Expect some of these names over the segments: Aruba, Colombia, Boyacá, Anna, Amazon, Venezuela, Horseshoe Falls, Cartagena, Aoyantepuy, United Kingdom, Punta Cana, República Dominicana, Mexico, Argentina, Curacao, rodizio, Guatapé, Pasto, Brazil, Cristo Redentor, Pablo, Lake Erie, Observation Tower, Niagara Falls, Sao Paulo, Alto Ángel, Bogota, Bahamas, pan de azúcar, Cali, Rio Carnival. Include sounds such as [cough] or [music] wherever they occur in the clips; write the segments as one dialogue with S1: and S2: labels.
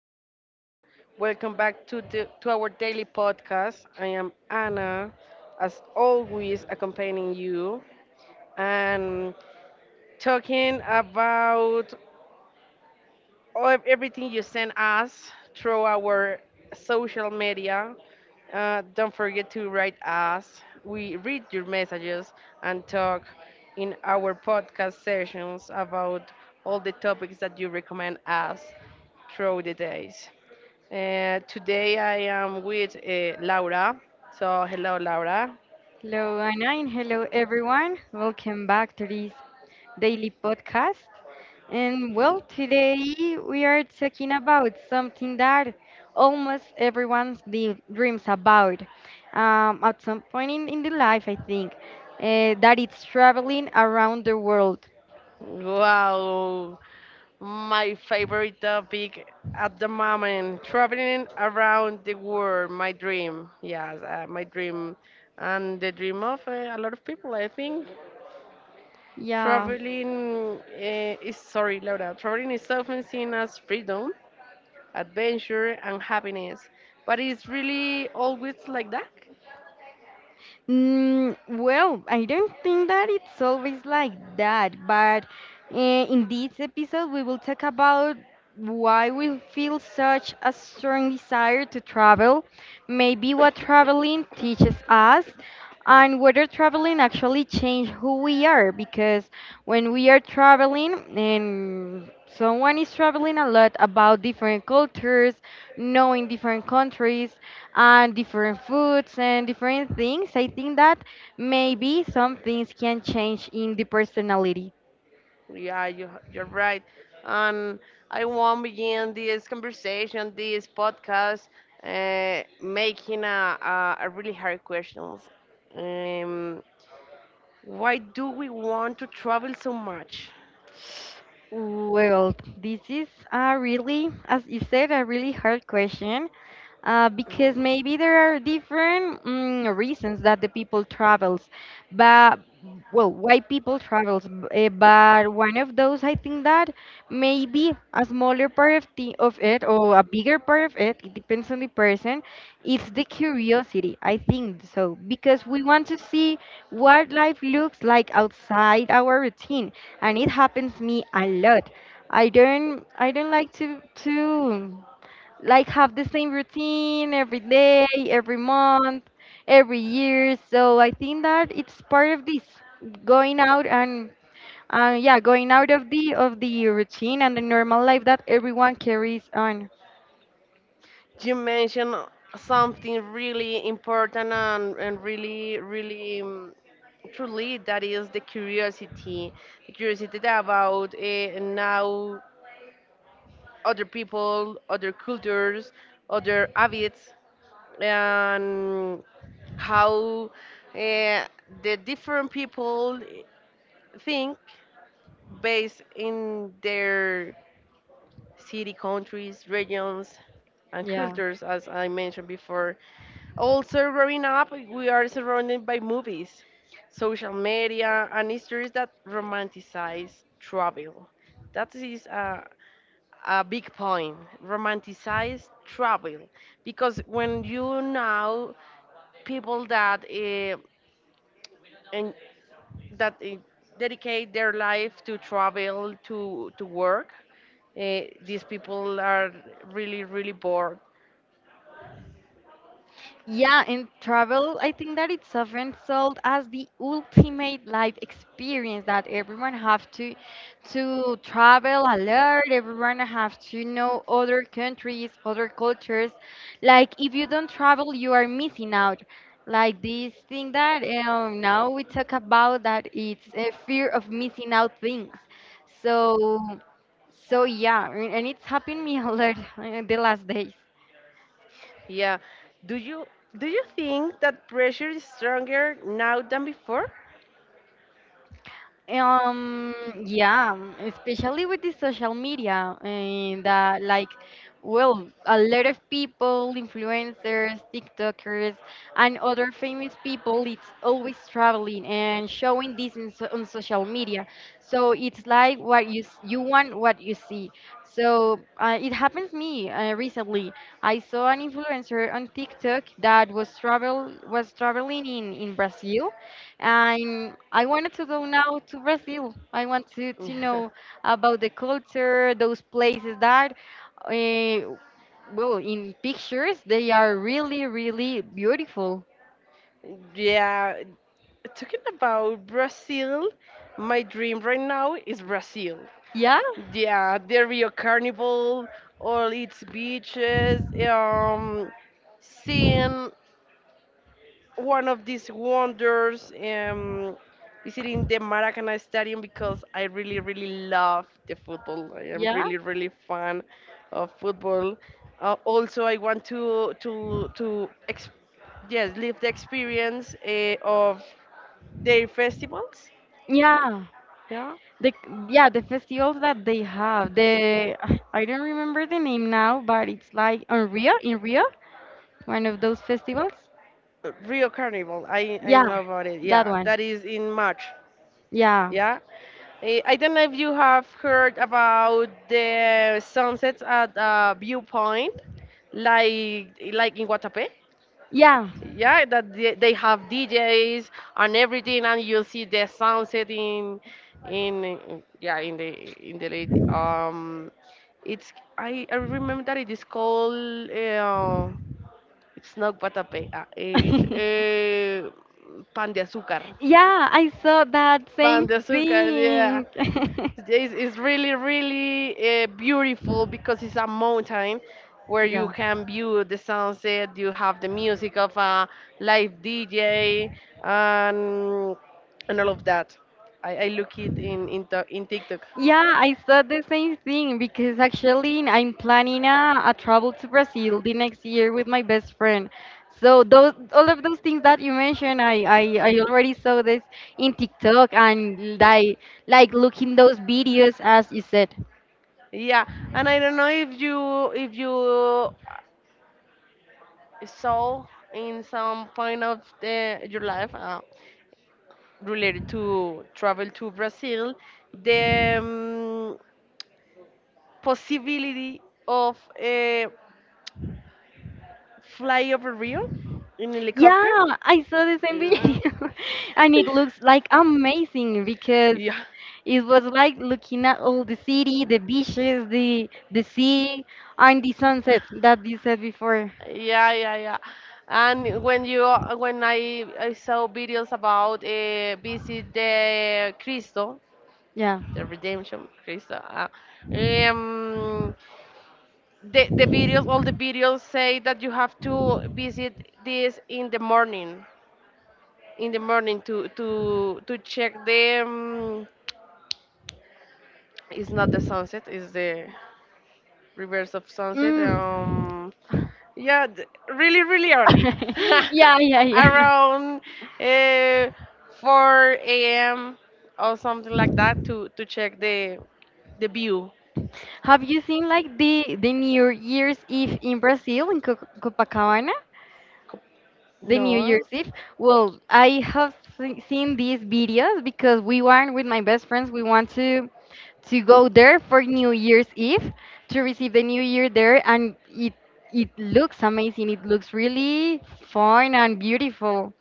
S1: everyone. Welcome back to our daily podcast. I am Anna, as always accompanying you and talking about of everything you send us through our social media. Don't forget to write us. We read your messages and talk in our podcast sessions about all the topics that you recommend us through the days. Today I am with Laura. So, hello, Laura.
S2: Hello, Anna, and hello, everyone. Welcome back to this daily podcast. And well, today we are talking about something that almost everyone's dreams about at some point in the life, I think, that it's traveling around the world.
S1: Wow, my favorite topic at the moment, traveling around the world, my dream. Yes, my dream. And the dream of a lot of people, I think.
S2: Yeah.
S1: Sorry, Laura, traveling is often seen as freedom, adventure, and happiness. But it's really always like that.
S2: Well, I don't think that it's always like that, but in this episode, we will talk about why we feel such a strong desire to travel, maybe what traveling teaches us, and whether traveling actually changes who we are. Because when we are traveling, and someone is traveling a lot about different cultures, knowing different countries, and different foods and different things. I think that maybe some things can change in the personality.
S1: Yeah, you're right. And I won't begin this conversation, this podcast, making a really hard questions. Um, why do we want to travel so much?
S2: Well, this is a really, as you said, a really hard question. Because
S1: Mm.
S2: maybe there are different reasons that the people travels. But well, why people travels but one of those, I think that maybe a smaller part of it or a bigger part of it depends on the person. It's the curiosity, I think, so because we want to see what life looks like outside our routine. And it happens me a lot. I don't like to like have the same routine every day, every month, every year. So I think that it's part of this going out, and yeah, going out of the routine and the normal life that everyone carries on.
S1: You mentioned something really important and, really truly, that is the curiosity. The curiosity about now other people, other cultures, other habits, and how uh, the different people think based in their city, countries, regions, and cultures, as I mentioned before. Also, growing up, we are surrounded by movies, social media, and histories that romanticize travel. That is a big point. Romanticize travel. Because when you know people that and that dedicate their life to travel, to work, these people are really, really bored.
S2: Yeah, in travel, I think that it's often sold as the ultimate life experience that everyone have to travel a lot, everyone have to know other countries, other cultures. Like if you don't travel, you are missing out. Like this thing that now we talk about, that it's a fear of missing out things. So so yeah, and it's happened me a lot [laughs] the last days.
S1: Yeah, do you do you think that pressure is stronger now than before?
S2: Um, yeah, especially with the social media, and that like, well, a lot of people, influencers, TikTokers, and other famous people, it's always traveling and showing this in so on social media. So it's like what you you want, what you see. So it happens me recently. I saw an influencer on TikTok that was traveling in Brazil, and I wanted to go now to Brazil. I want to know
S1: [laughs]
S2: about the culture, those places that, uh, well, in pictures, they are really, really beautiful.
S1: Yeah, talking about Brazil, my dream right now is Brazil.
S2: Yeah,
S1: Yeah, the Rio Carnival, all its beaches, seeing one of these wonders, visiting the Maracana Stadium, because I really, really love the football. I am
S2: yeah,
S1: really, really fan of football. Also, I want to yes, live the experience of their festivals.
S2: yeah.
S1: Yeah,
S2: The yeah, the festivals that they have. The [sighs] I don't remember the name now, but it's like on Rio, in Rio, one of those festivals.
S1: Rio Carnival. I
S2: Yeah,
S1: know about it.
S2: that
S1: Yeah,
S2: one.
S1: that is in March.
S2: Yeah,
S1: Yeah. I don't know if you have heard about the sunsets at Viewpoint, like in Guatapé.
S2: yeah.
S1: Yeah, that they have DJs and everything, and you see the sunset yeah, in the late it's, I remember that it is called it's not Guatapé, it's
S2: [laughs]
S1: pan de azúcar.
S2: Yeah, I saw that
S1: Pan
S2: same
S1: de azúcar, yeah.
S2: thing. [laughs]
S1: It's really, really beautiful because it's a mountain where you
S2: Yeah.
S1: can view the sunset. You have the music of a live DJ and all of that. I look it in TikTok.
S2: Yeah, I saw the same thing because actually I'm planning a travel to Brazil the next year with my best friend. So those all of those things that you mentioned, I already saw this in TikTok and like looking those videos as you said.
S1: Yeah, and I don't know if you saw in some point of your life related to travel to Brazil the possibility of fly over Rio in
S2: Yeah,
S1: helicopter.
S2: I saw the same
S1: Yeah.
S2: video [laughs] and it looks like amazing because
S1: Yeah,
S2: it was like looking at all the city, the beaches, the sea and the sunset that you said before.
S1: yeah. And when I saw videos about visit the Cristo,
S2: Yeah.
S1: the Redemption Cristo. Um, the videos, all the videos say that you have to visit this in the morning to check the. It's not the sunset. It's the reverse of sunset.
S2: Mm.
S1: Yeah, really, really early.
S2: [laughs]
S1: [laughs]
S2: Yeah, yeah, yeah.
S1: Around uh, 4 a.m. or something like that to check the view.
S2: Have you seen like the New Year's Eve in Brazil in Co Copacabana?
S1: Co-
S2: The New
S1: No.
S2: Year's Eve. Well, I have seen these videos because we went with my best friends. We want to go there for New Year's Eve, to receive the New Year there, and it looks amazing. It looks really fun and beautiful.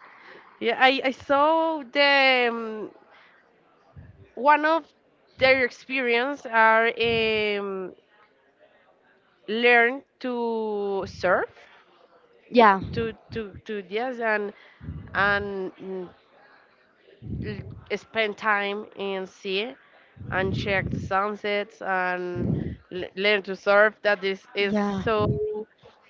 S1: Yeah, I saw the one of their experience are learn to surf,
S2: Yeah.
S1: to yes, and and mm, l- spend time in sea and check the sunsets and learn to surf. That is
S2: Yeah.
S1: so.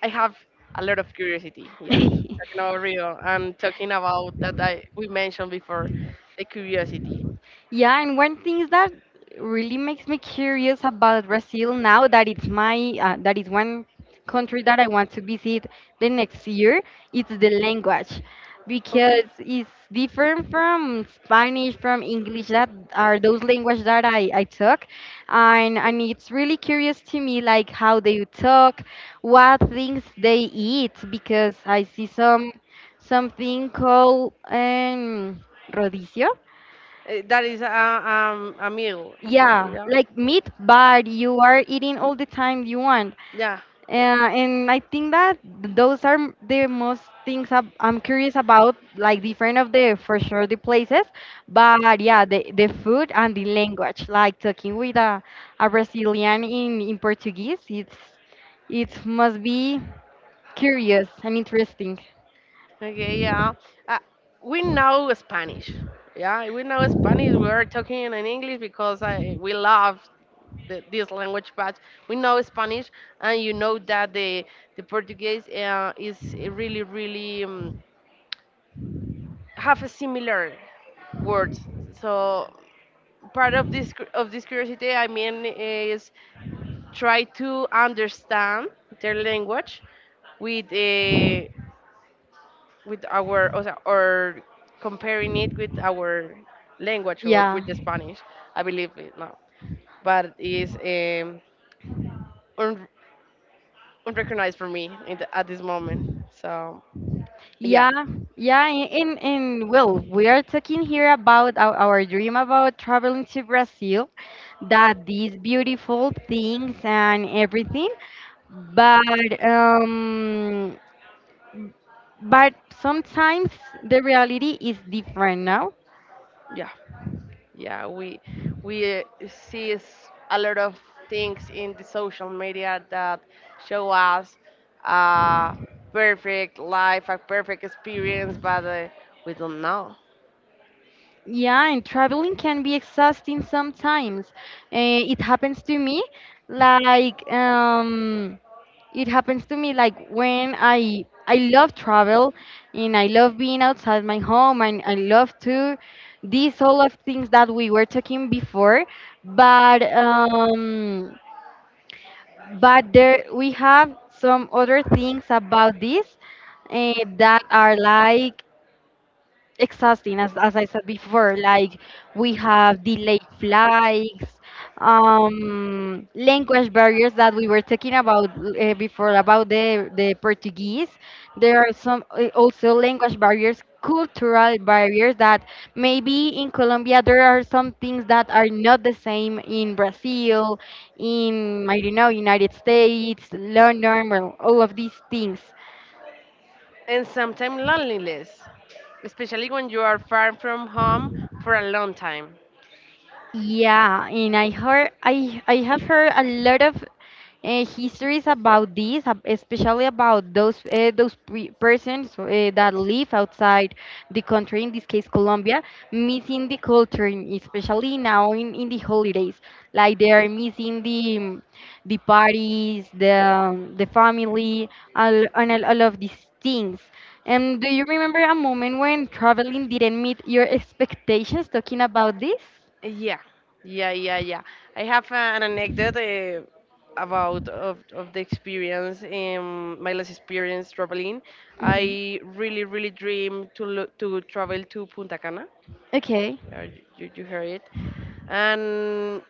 S1: I have a lot of curiosity. Yeah,
S2: [laughs]
S1: talking about Rio and talking about that I we mentioned before, the curiosity.
S2: Yeah, and one thing that really makes me curious about Brazil now, that it's my that is one country that I want to visit the next year, it's the language,
S1: Okay,
S2: because it's different from Spanish, from English, that are those language that I took, and it's really curious to me like how they talk, what things they eat. Because I see something called rodizio,
S1: that is a a meal.
S2: yeah,
S1: Yeah,
S2: like meat, but you are eating all the time you want.
S1: yeah.
S2: Uh, and I think that those are the most things I'm curious about, like different of the, for sure the places, but yeah, the food and the language, like talking with a Brazilian in Portuguese, it must be curious and interesting.
S1: Okay, yeah. Uh, we know Spanish. Yeah, we know Spanish. We are talking in English because we love this language, but we know Spanish, and you know that the Portuguese is really, really have a similar words. So part of this curiosity, I mean, is try to understand their language with uh, with our o sea, or comparing it with our language or
S2: Yeah.
S1: with the Spanish. I believe it now, but it's un- unrecognized for me in at this moment. So yeah,
S2: Yeah, yeah, and well, we are talking here about our dream about traveling to Brazil, that these beautiful things and everything, but but sometimes the reality is different now.
S1: yeah, yeah. We we see a lot of things in the social media that show us a perfect life, a perfect experience, but we don't know.
S2: Yeah, and traveling can be exhausting sometimes. It happens to me, like it happens to me like when I love travel, and I love being outside my home, and I love to these all of things that we were talking before. But but there we have some other things about this, that are like exhausting, as I said before. Like we have delayed flights, language barriers that we were talking about before, about the Portuguese. There are some, also language barriers, cultural barriers, that maybe in Colombia there are some things that are not the same in Brazil, in, I don't know, United States, London. Well, all of these things.
S1: And sometimes loneliness, especially when you are far from home for a long time.
S2: Yeah, and I have heard a lot of histories about this, especially about those pre persons, that live outside the country, in this case Colombia, missing the culture, especially now in the holidays. Like they are missing the parties, the family, all, and all of these things. And do you remember a moment when traveling didn't meet your expectations? Talking about this.
S1: Yeah, yeah. I have an anecdote about of the experience, my last experience traveling.
S2: Mhm.
S1: I really, really dream to travel to Punta Cana.
S2: Okay.
S1: You heard it, and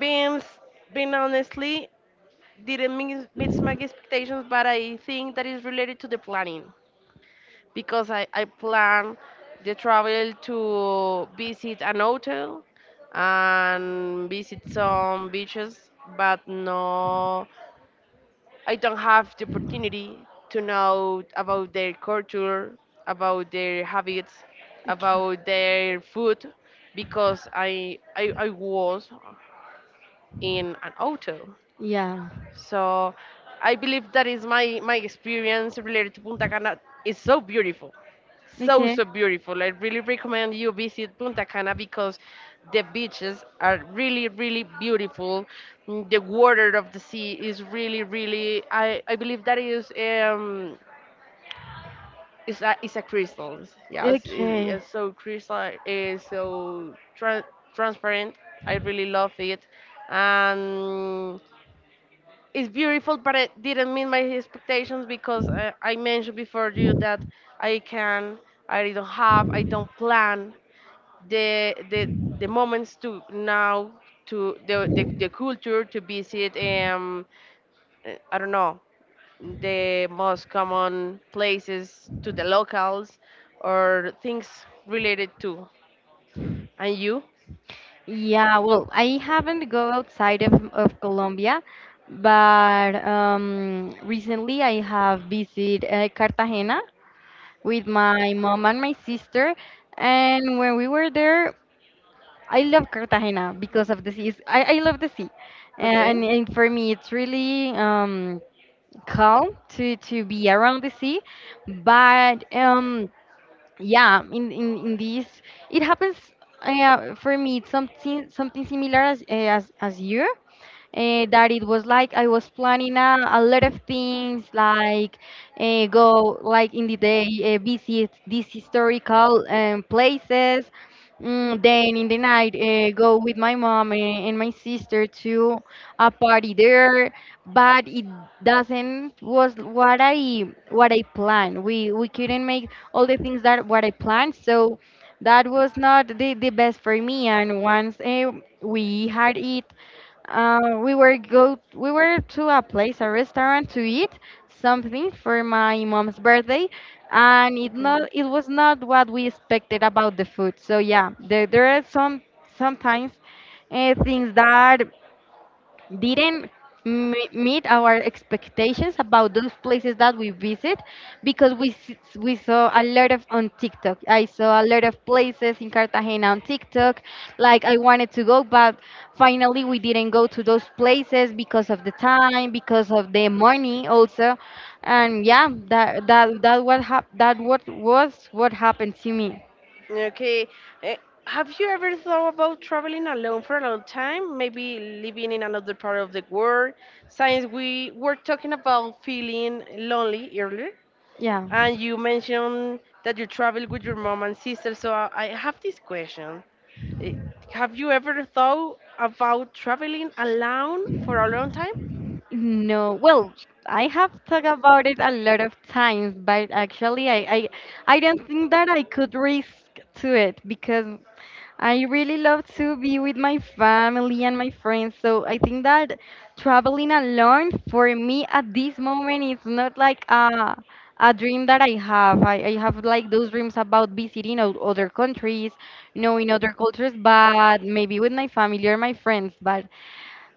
S1: being s- being honestly didn't meet my expectations, but I think that is related to the planning because I plan the travel to visit an hotel and visit some beaches, but no, I don't have the opportunity to know about their culture, about their habits,
S2: Okay.
S1: about their food, because I was in an hotel.
S2: Yeah.
S1: So I believe that is my experience related to Punta Cana is so beautiful. So
S2: Okay.
S1: so beautiful. I really recommend you visit Punta Cana because the beaches are really, really beautiful. Mm, the water of the sea is really, really, I believe that is a crystal. Yes, it
S2: Okay.
S1: is so crystal, is so transparent. I really love it. And it's beautiful, but it didn't meet my expectations because I mentioned before you that I can, I don't have, I don't plan the the, the moments to now to the culture to visit. I don't know the most common places to the locals or things related to. And you?
S2: Yeah. Well, I haven't go outside of Colombia, but recently I have visited Cartagena with my mom and my sister, and when we were there, I love Cartagena because of the sea. I love the sea,
S1: Okay.
S2: and for me it's really calm to be around the sea. But yeah, in in this, it happens, for me it's something similar as you, that it was like I was planning a lot of things, like go like in the day, visit these historical places. Then in the night, go with my mom and my sister to a party there, but it doesn't was what I planned. We couldn't make all the things that what I planned, so that was not the best for me. And once we had it we were go we were to a place, a restaurant to eat something for my mom's birthday, and
S1: Okay.
S2: it was not what we expected about the food. So yeah, there are sometimes things that didn't meet our expectations about those places that we visit, because we saw a lot of on TikTok. I saw a lot of places in Cartagena on TikTok. Like I wanted to go, but finally we didn't go to those places because of the time, because of the money also. And yeah, that what hap- that what was what happened to me.
S1: Okay. Eh, Have you ever thought about traveling alone for a long time? Maybe living in another part of the world? Since we were talking about feeling lonely earlier,
S2: Yeah.
S1: and you mentioned that you travel with your mom and sister, so I have this question. Eh, Have you ever thought about traveling alone for a long time
S2: No, well, I have thought about it a lot of times, but actually, I don't think that I could risk to it, because I really love to be with my family and my friends. So I think that traveling alone for me at this moment is not like a dream that I have. I have like those dreams about visiting other countries, knowing other cultures, but maybe with my family or my friends. But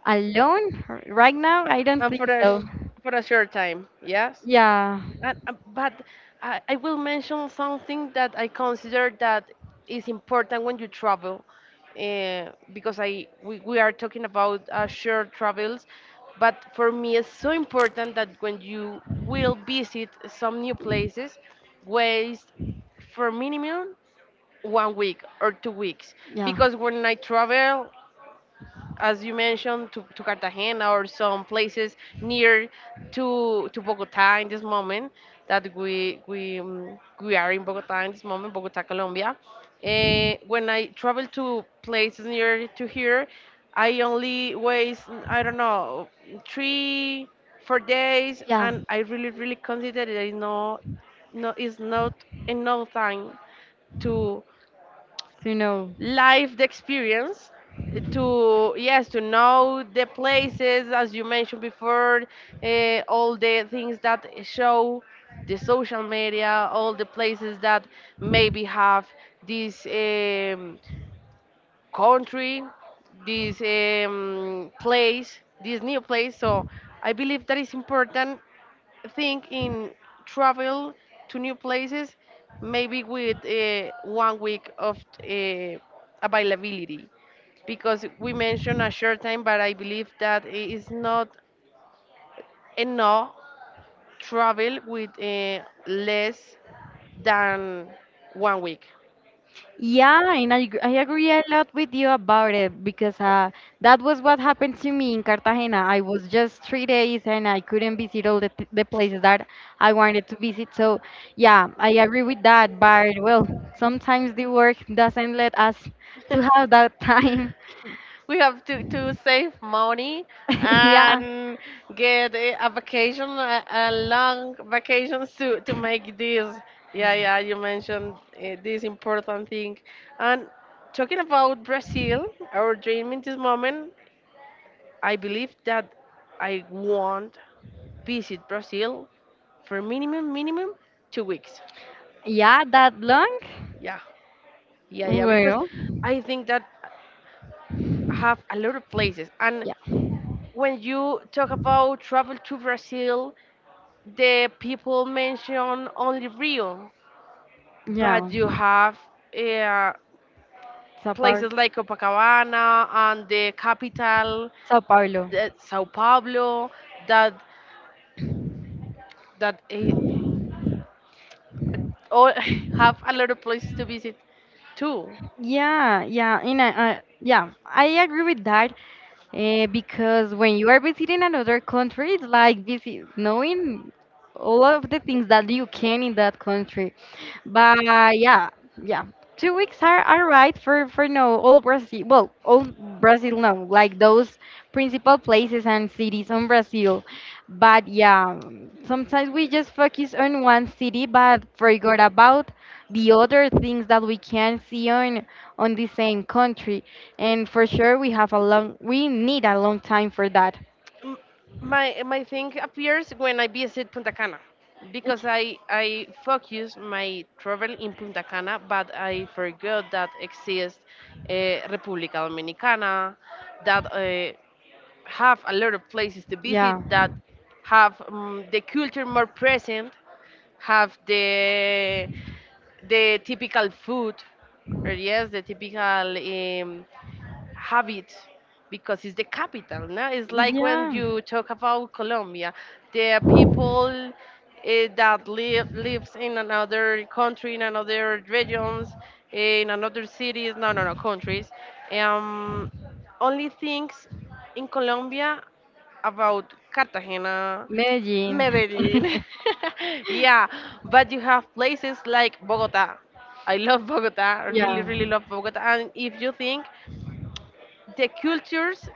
S2: alone? Right now, I don't
S1: and
S2: think so.
S1: for a short time? Yes.
S2: Yeah,
S1: And, but I will mention something that I consider that is important when you travel, uh, because I we are talking about shared travels, but for me it's so important that when you will visit some new places, waste for minimum 1 week or 2 weeks,
S2: yeah,
S1: because when I travel, as you mentioned, to Cartagena or some places near to Bogota in this moment that we are in Bogota in this moment, Bogota, Colombia. Eh, when I travel to places near to here, I only waste I don't know, 3 4 days,
S2: yeah.
S1: and I really, really consider there is no, no, is not enough time to
S2: So no.
S1: life experience, eh, to yes, to know the places as you mentioned before, all the things that show the social media, all the places that maybe have this country, this place, this new place. So I believe that is important think in travel to new places, maybe with 1 week of uh, availability, because we mentioned a short time, but I believe that it is not enough travel with less than 1 week.
S2: Yeah, and I agree a lot with you about it, because that was what happened to me in Cartagena. I was just 3 days and I couldn't visit all the places that I wanted to visit. So, yeah, I agree with that. But, well, sometimes the work doesn't let us to have that time.
S1: We have to save money
S2: [laughs] Yeah,
S1: and get a vacation, a long vacation, to make this. Yeah, yeah, you mentioned this important thing. And talking about Brazil, our dream in this moment, I believe that I want visit Brazil for minimum 2 weeks.
S2: yeah, that long.
S1: yeah yeah because
S2: Well,
S1: I think that have a lot of places. And
S2: yeah,
S1: when you talk about travel to Brazil, the people mention only Rio,
S2: yeah.
S1: but you have uh,
S2: Sao Paulo.
S1: places like Copacabana and the capital,
S2: Sao Paulo.
S1: the Sao Paulo, that that eh, all [laughs] have a lot of places to visit too.
S2: Yeah, yeah, and I agree with that, because when you are visiting another country, it's like visit knowing all of the things that you can in that country. But yeah, yeah, 2 weeks are right for no all Brazil. Well, all Brazil no, like those principal places and cities on Brazil. But yeah, sometimes we just focus on one city, but forgot about the other things that we can see on the same country. And for sure, we need a long time for that.
S1: m- my thing appears when I visit Punta Cana,
S2: It's
S1: because I focus my travel in Punta Cana, but I forgot that exists República Dominicana, that have a lot of places to visit,
S2: Yeah,
S1: that have the culture more present, have the typical food, or yes, the typical have it, because it's the capital. No? It's like when
S2: yeah,
S1: you talk about Colombia, there are people that lives in another country, in another regions, in another cities. No, no, no, countries. Um, only things in Colombia about Cartagena,
S2: Medellin. [laughs]
S1: Medellin. [laughs] Yeah, but you have places like Bogota. I love Bogota. I really,
S2: Yeah.
S1: really love Bogota. And if you think the cultures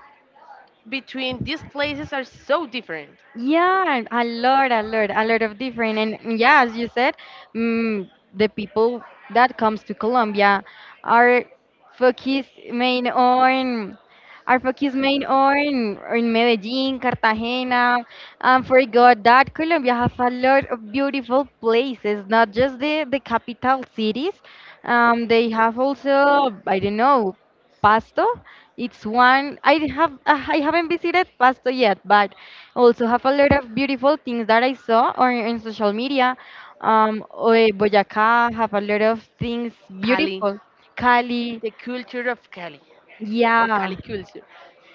S1: between these places are so different.
S2: Yeah, a lot of different. And yeah, as you said, mm, the people that comes to Colombia are focused main on are focused main on Medellin, Cartagena, and forgot that Colombia has a lot of beautiful places, not just the capital cities. They have also, I don't know, Pasto. It's one I haven't visited Pasto yet, but also have a lot of beautiful things that I saw in social media. Boyacá have a lot of things
S1: Cali,
S2: beautiful. Cali,
S1: the culture of Cali, or
S2: yeah,
S1: Cali culture.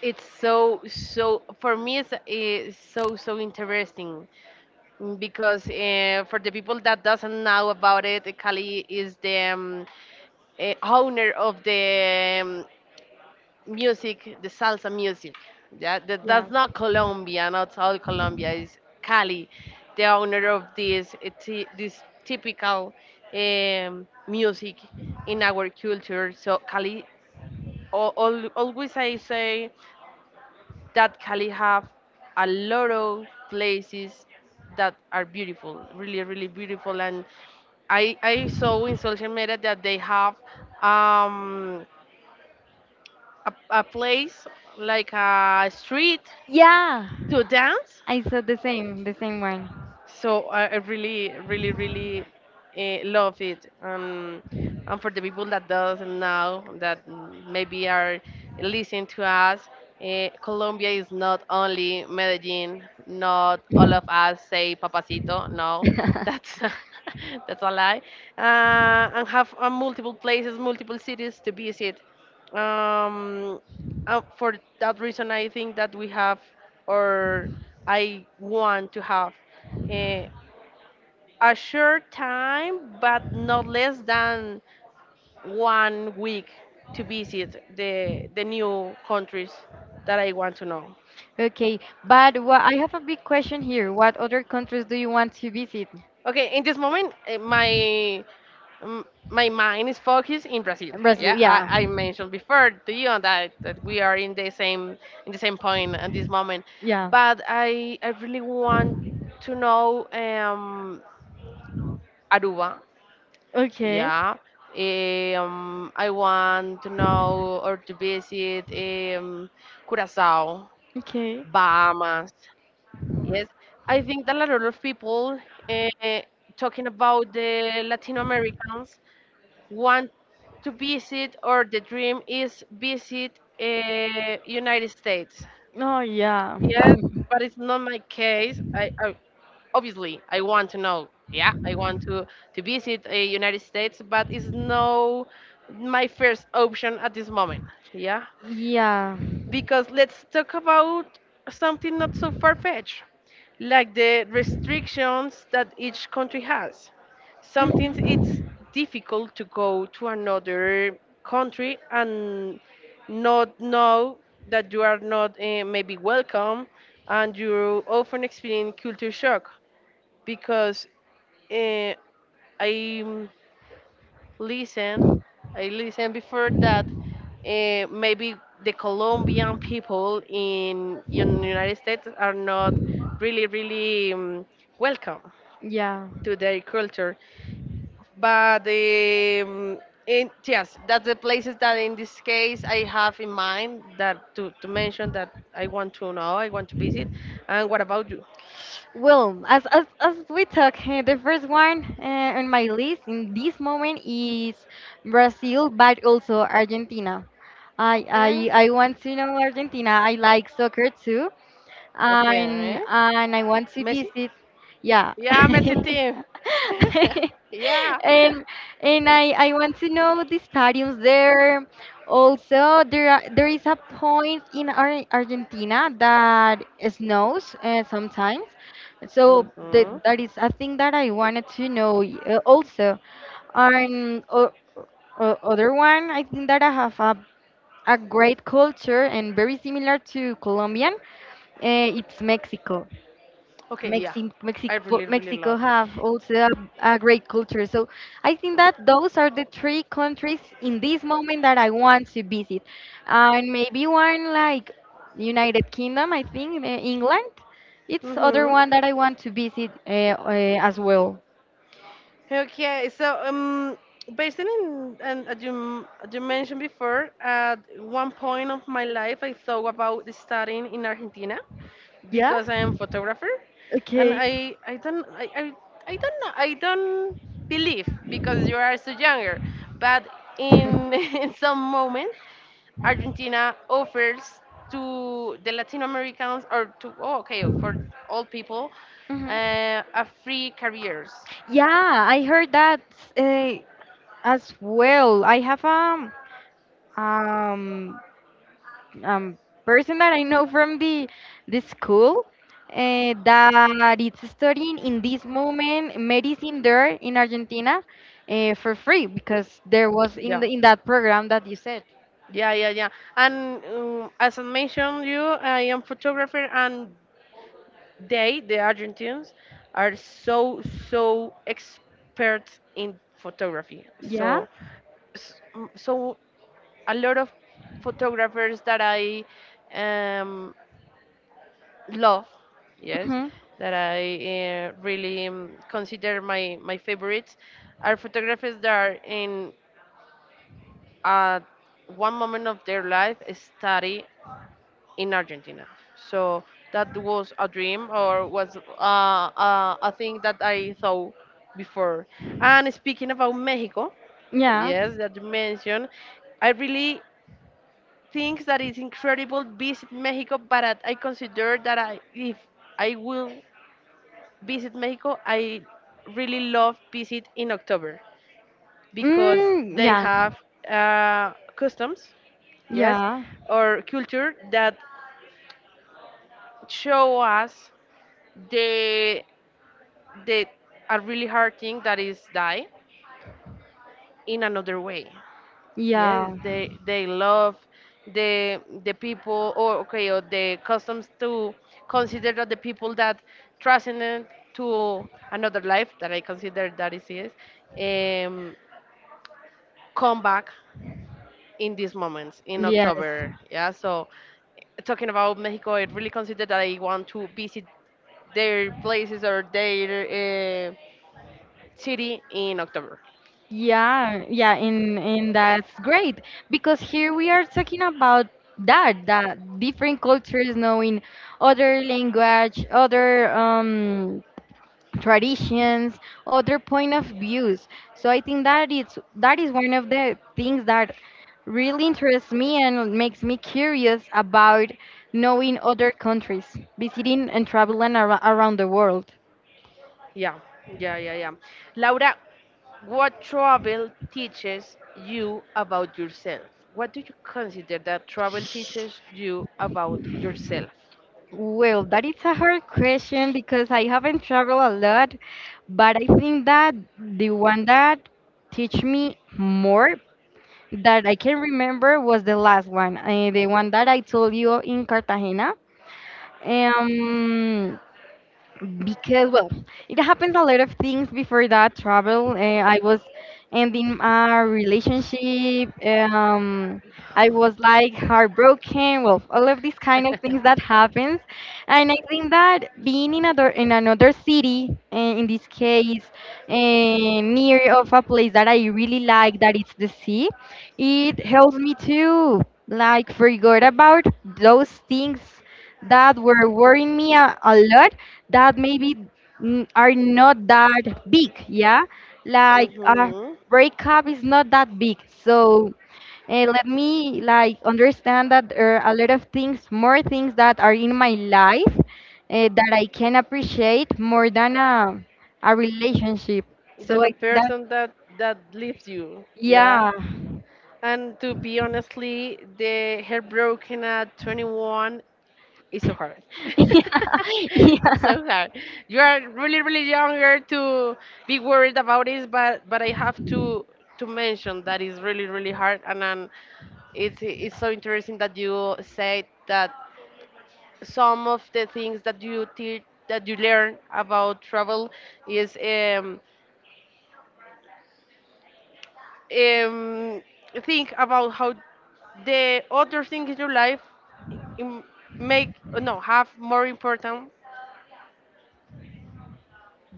S1: It's so, so, for me, it's so, so interesting, because for the people that doesn't know about it, Cali is the owner of the music, the salsa music. Yeah, that,
S2: yeah,
S1: that's not Colombia, not all Colombia. It's Cali, the owner of this this typical music in our culture. So Cali, always I say that Cali have a lot of places that are beautiful, really, really beautiful. And I saw in social media that they have um, a, a place like a street
S2: yeah.
S1: to dance,
S2: I saw the same one.
S1: so I really really really love it, and for the people that doesn't know that, mm, maybe are listening to us, Colombia is not only Medellin, not all of us say papacito, no,
S2: [laughs]
S1: that's [laughs] that's a lie. And have multiple places, multiple cities to visit. Um, uh, for that reason I think that we have, or I want to have, eh, a short time, but not less than 1 week to visit the new countries that I want to know.
S2: Okay, but wha I have a big question here. What other countries do you want to visit?
S1: Okay, in this moment, my m- my mind is focused in Brazil.
S2: Brazil,
S1: Yeah,
S2: yeah.
S1: I mentioned before to you on that that we are in the same point at this moment,
S2: Yeah.
S1: but I really want to know, Aruba.
S2: Okay.
S1: Yeah. I want to know or to visit, Curacao,
S2: Okay.
S1: Bahamas. Yes, I think that a lot of people, uh, talking about the Latin Americans, want to visit, or the dream is visit, United States.
S2: Oh yeah.
S1: Yes,
S2: [laughs]
S1: but it's not my case. I obviously I want to know. Yeah, I want to visit a United States, but it's no my first option at this moment. Yeah,
S2: Yeah.
S1: because let's talk about something not so far fetched, like the restrictions that each country has. Sometimes it's
S2: Mhm.
S1: difficult to go to another country and not know that you are not maybe welcome, and you often experience culture shock because, uh, I listen I listen before that maybe the colombian people in united states are not really really welcome
S2: Yeah.
S1: to their culture, but in, yes, that's the places that in this case I have in mind, that to mention that I want to know, I want to visit. And what about you?
S2: Well, as we talk, the first one on my list in this moment is Brazil, but also Argentina.
S1: Okay.
S2: I want to know Argentina. I like soccer too, and
S1: Okay,
S2: I want to
S1: Messi.
S2: visit. Yeah.
S1: Yeah, Messi
S2: [laughs]
S1: team. [laughs] Yeah.
S2: and and I want to know the stadiums there. Also, there is a point in Argentina that snows sometimes. So
S1: [laughs] Hmm.
S2: that is a thing that I wanted to know also. And other one, I think that I have a great culture and very similar to Colombian. Eh, it's Mexico.
S1: Okay, yeah. I
S2: Mexico,
S1: really, really
S2: Mexico
S1: love.
S2: have also a great culture. So I think that those are the three countries in this moment that I want to visit. And maybe one like United Kingdom, I think, eh, England. It's other
S1: Mm-hmm.
S2: one that I want to visit as well.
S1: Okay, so, based on and as you as you mentioned before, at one point of my life, I thought about studying in Argentina
S2: Yeah?
S1: because I am photographer, and
S2: Okay.
S1: I don't know, I don't believe because you are so younger, but in [laughs] in some moment, Argentina offers to the Latin Americans, or to, oh, okay, for all people
S2: Mhm.
S1: a free careers.
S2: Yeah, I heard that uh, as well. I have um um, person that I know from the school that is studying in this moment medicine there in Argentina, for free because there was in
S1: Yeah.
S2: the in that program that you said.
S1: Yeah, yeah, yeah. And as I mentioned you, I am photographer, and they, the Argentines, are so so experts in photography.
S2: Yeah.
S1: So so a lot of photographers that I um, love, yes,
S2: Hmm.
S1: that I really consider my favorites are photographers that are in at one moment of their life study in Argentina. So that was a dream, or was a thing that I thought before. And speaking about Mexico,
S2: Yeah.
S1: yes, that you mentioned, I really think that it's incredible visit Mexico, but I consider that I, if I will visit Mexico, I really love visit in October because
S2: Mm,
S1: they
S2: yeah.
S1: have customs, yes,
S2: Yeah.
S1: or culture that show us they did a really hard thing that is die in another way. Yes,
S2: Yeah.
S1: they love the people, or okay, or the customs to consider that the people that transcended to another life, that I consider that is, yes, um, come back in these moments in
S2: Yes.
S1: October. Yeah, so talking about Mexico, I really consider that I want to visit their places or their city in October.
S2: Yeah, yeah, and that's great because here we are talking about that different cultures, knowing other language, other traditions, other point of views. So I think that it's that is one of the things that really interests me and makes me curious about knowing other countries, visiting and traveling ar around the world.
S1: Yeah, yeah, yeah, yeah. Laura, what travel teaches you about yourself? What do you consider that travel teaches you about yourself?
S2: Well, that is a hard question because I haven't traveled a lot, but I think that the one that teach me more that I can remember was the last one, the one that I told you in Cartagena. Um, because well it happens a lot of things before that travel, I was ending a relationship, um, I was like heartbroken, well, all of these kind of things that happens. And I think that being in another city, in this case, near of a place that I really like, that it's the sea, it helps me to like forget about those things that were worrying me a lot, that maybe, are not that big, yeah? Like a
S1: Hmm,
S2: breakup is not that big. So let me like understand that there are a lot of things, more things that are in my life that I can appreciate more than a relationship. So
S1: than
S2: I
S1: a
S2: think that,
S1: person that leaves you, yeah.
S2: yeah.
S1: And to be honestly the heartbroken at 21, it's so hard. [laughs]
S2: [laughs] yeah,
S1: It's
S2: yeah.
S1: so hard. You are really, really younger to be worried about it, but I have to mention that it's really, really hard. And then it's so interesting that you said that some of the things that you teach, that you learn about travel, is um think about how the other things in your life im- make no have more important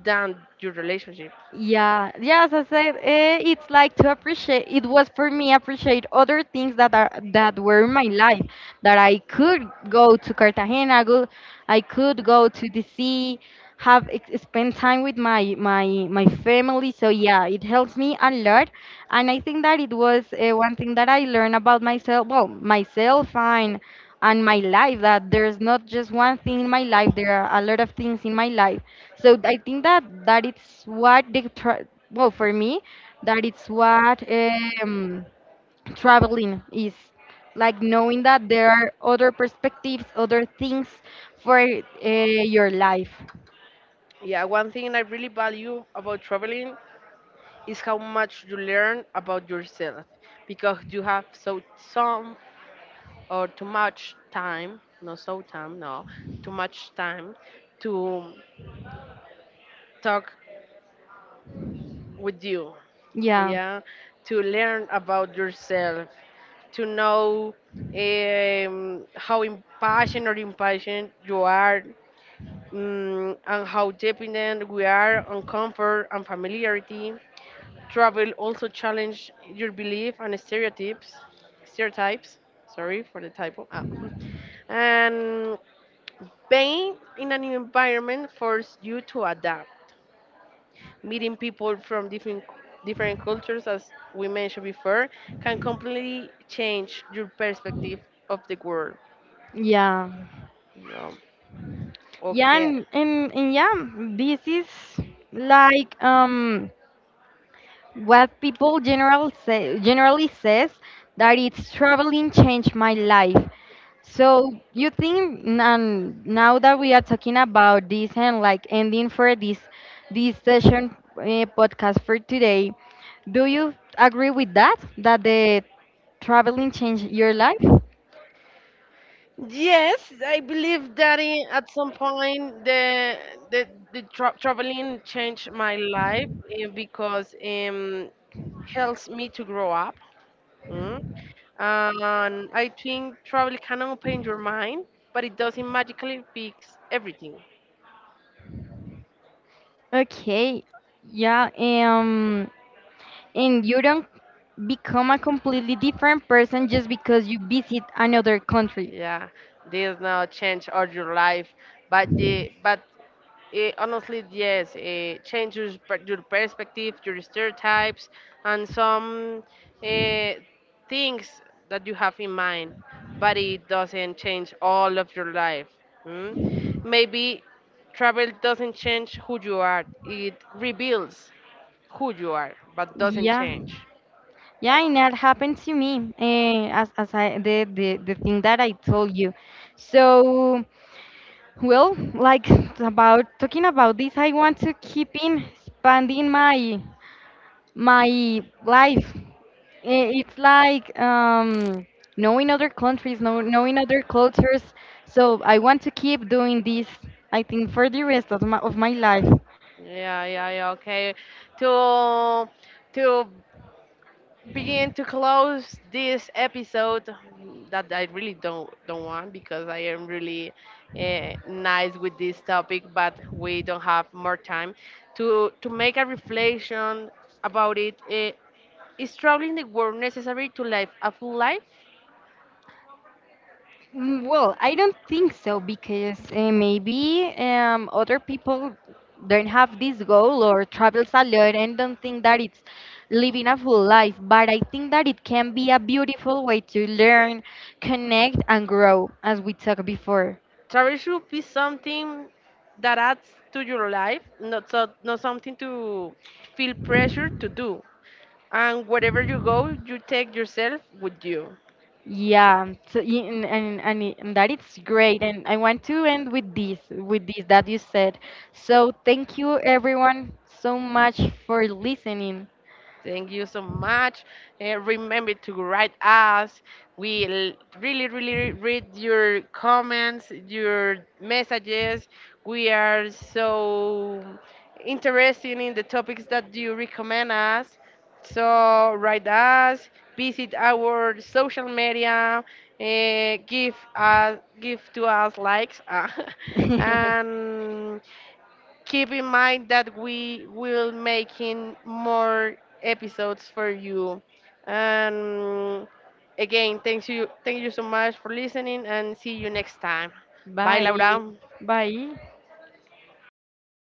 S1: than your relationship.
S2: Yeah, yeah, as I said, eh, it's like to appreciate. It was for me appreciate other things that are that were in my life. That I could go to Cartagena, go, I could go to the sea, have spend time with my family. So yeah, it helps me a lot, and I think that it was, one thing that I learned about myself. Well, myself and my life, that there's not just one thing in my life, there are a lot of things in my life. So I think that that it's what well for me that it's what, um, traveling is like knowing that there are other perspectives, other things for your life.
S1: Yeah, one thing I really value about traveling is how much you learn about yourself because you have so some, or too much time, no so time, no, too much time to talk with you.
S2: Yeah,
S1: Yeah, to learn about yourself, to know how impassioned or impatient you are, mm, and how dependent we are on comfort and familiarity. Travel also challenge your belief and stereotypes. Sorry for the typo. Ah. [laughs] And being in an environment forces you to adapt. Meeting people from different different cultures, as we mentioned before, can completely change your perspective of the world.
S2: yeah,
S1: Yeah.
S2: yeah,
S1: Okay.
S2: and yeah, this is like what people general say, generally says, that it's traveling changed my life. So you think, and now that we are talking about this and like ending for this this session, podcast for today, do you agree with that, that the traveling changed your life?
S1: Yes, I believe that in, at some point the tra- traveling changed my life, because helps me to grow up. Mm. And I think travel can open your mind, but it doesn't magically fix everything.
S2: Okay, yeah, and you don't become a completely different person just because you visit another country.
S1: Yeah, there's no change all your life, but honestly, yes, it changes per- your perspective, your stereotypes, and some uh, things that you have in mind, but it doesn't change all of your life. Mm? Maybe travel doesn't change who you are, it reveals who you are, but doesn't
S2: Yeah.
S1: change.
S2: Yeah, and that happened to me, eh, as I the, the thing that I told you. So, well, like [laughs] about talking about this, I want to keep in expanding my my life. Eh, it's like, knowing other countries, knowing other cultures. So I want to keep doing this. I think for the rest of my life.
S1: Yeah, yeah, yeah, okay. To to begin to close this episode that I really don't want because I am really nice with this topic, but we don't have more time to make a reflection about it. Is traveling the world necessary to live a full life?
S2: Mm, well, I don't think so because maybe other people don't have this goal or travels a lot and don't think that it's living a full life. But I think that it can be a beautiful way to learn, connect, and grow, as we talked before.
S1: Travel should be something that adds to your life, not so not something to feel pressure to do. And wherever you go, you take yourself with you.
S2: Yeah, so and, and that it's great. And I want to end with this that you said. So thank you everyone so much for listening.
S1: Thank you so much. Remember to write us. We really, really read your comments, your messages. We are so interested in the topics that you recommend us. So write us, visit our social media, give us, give to us likes, [laughs]
S2: [laughs]
S1: and keep in mind that we will making more episodes for you, and again, thank you, thank you so much for listening, and see you next time. Bye,
S2: Bye.
S1: Laura.
S2: Bye.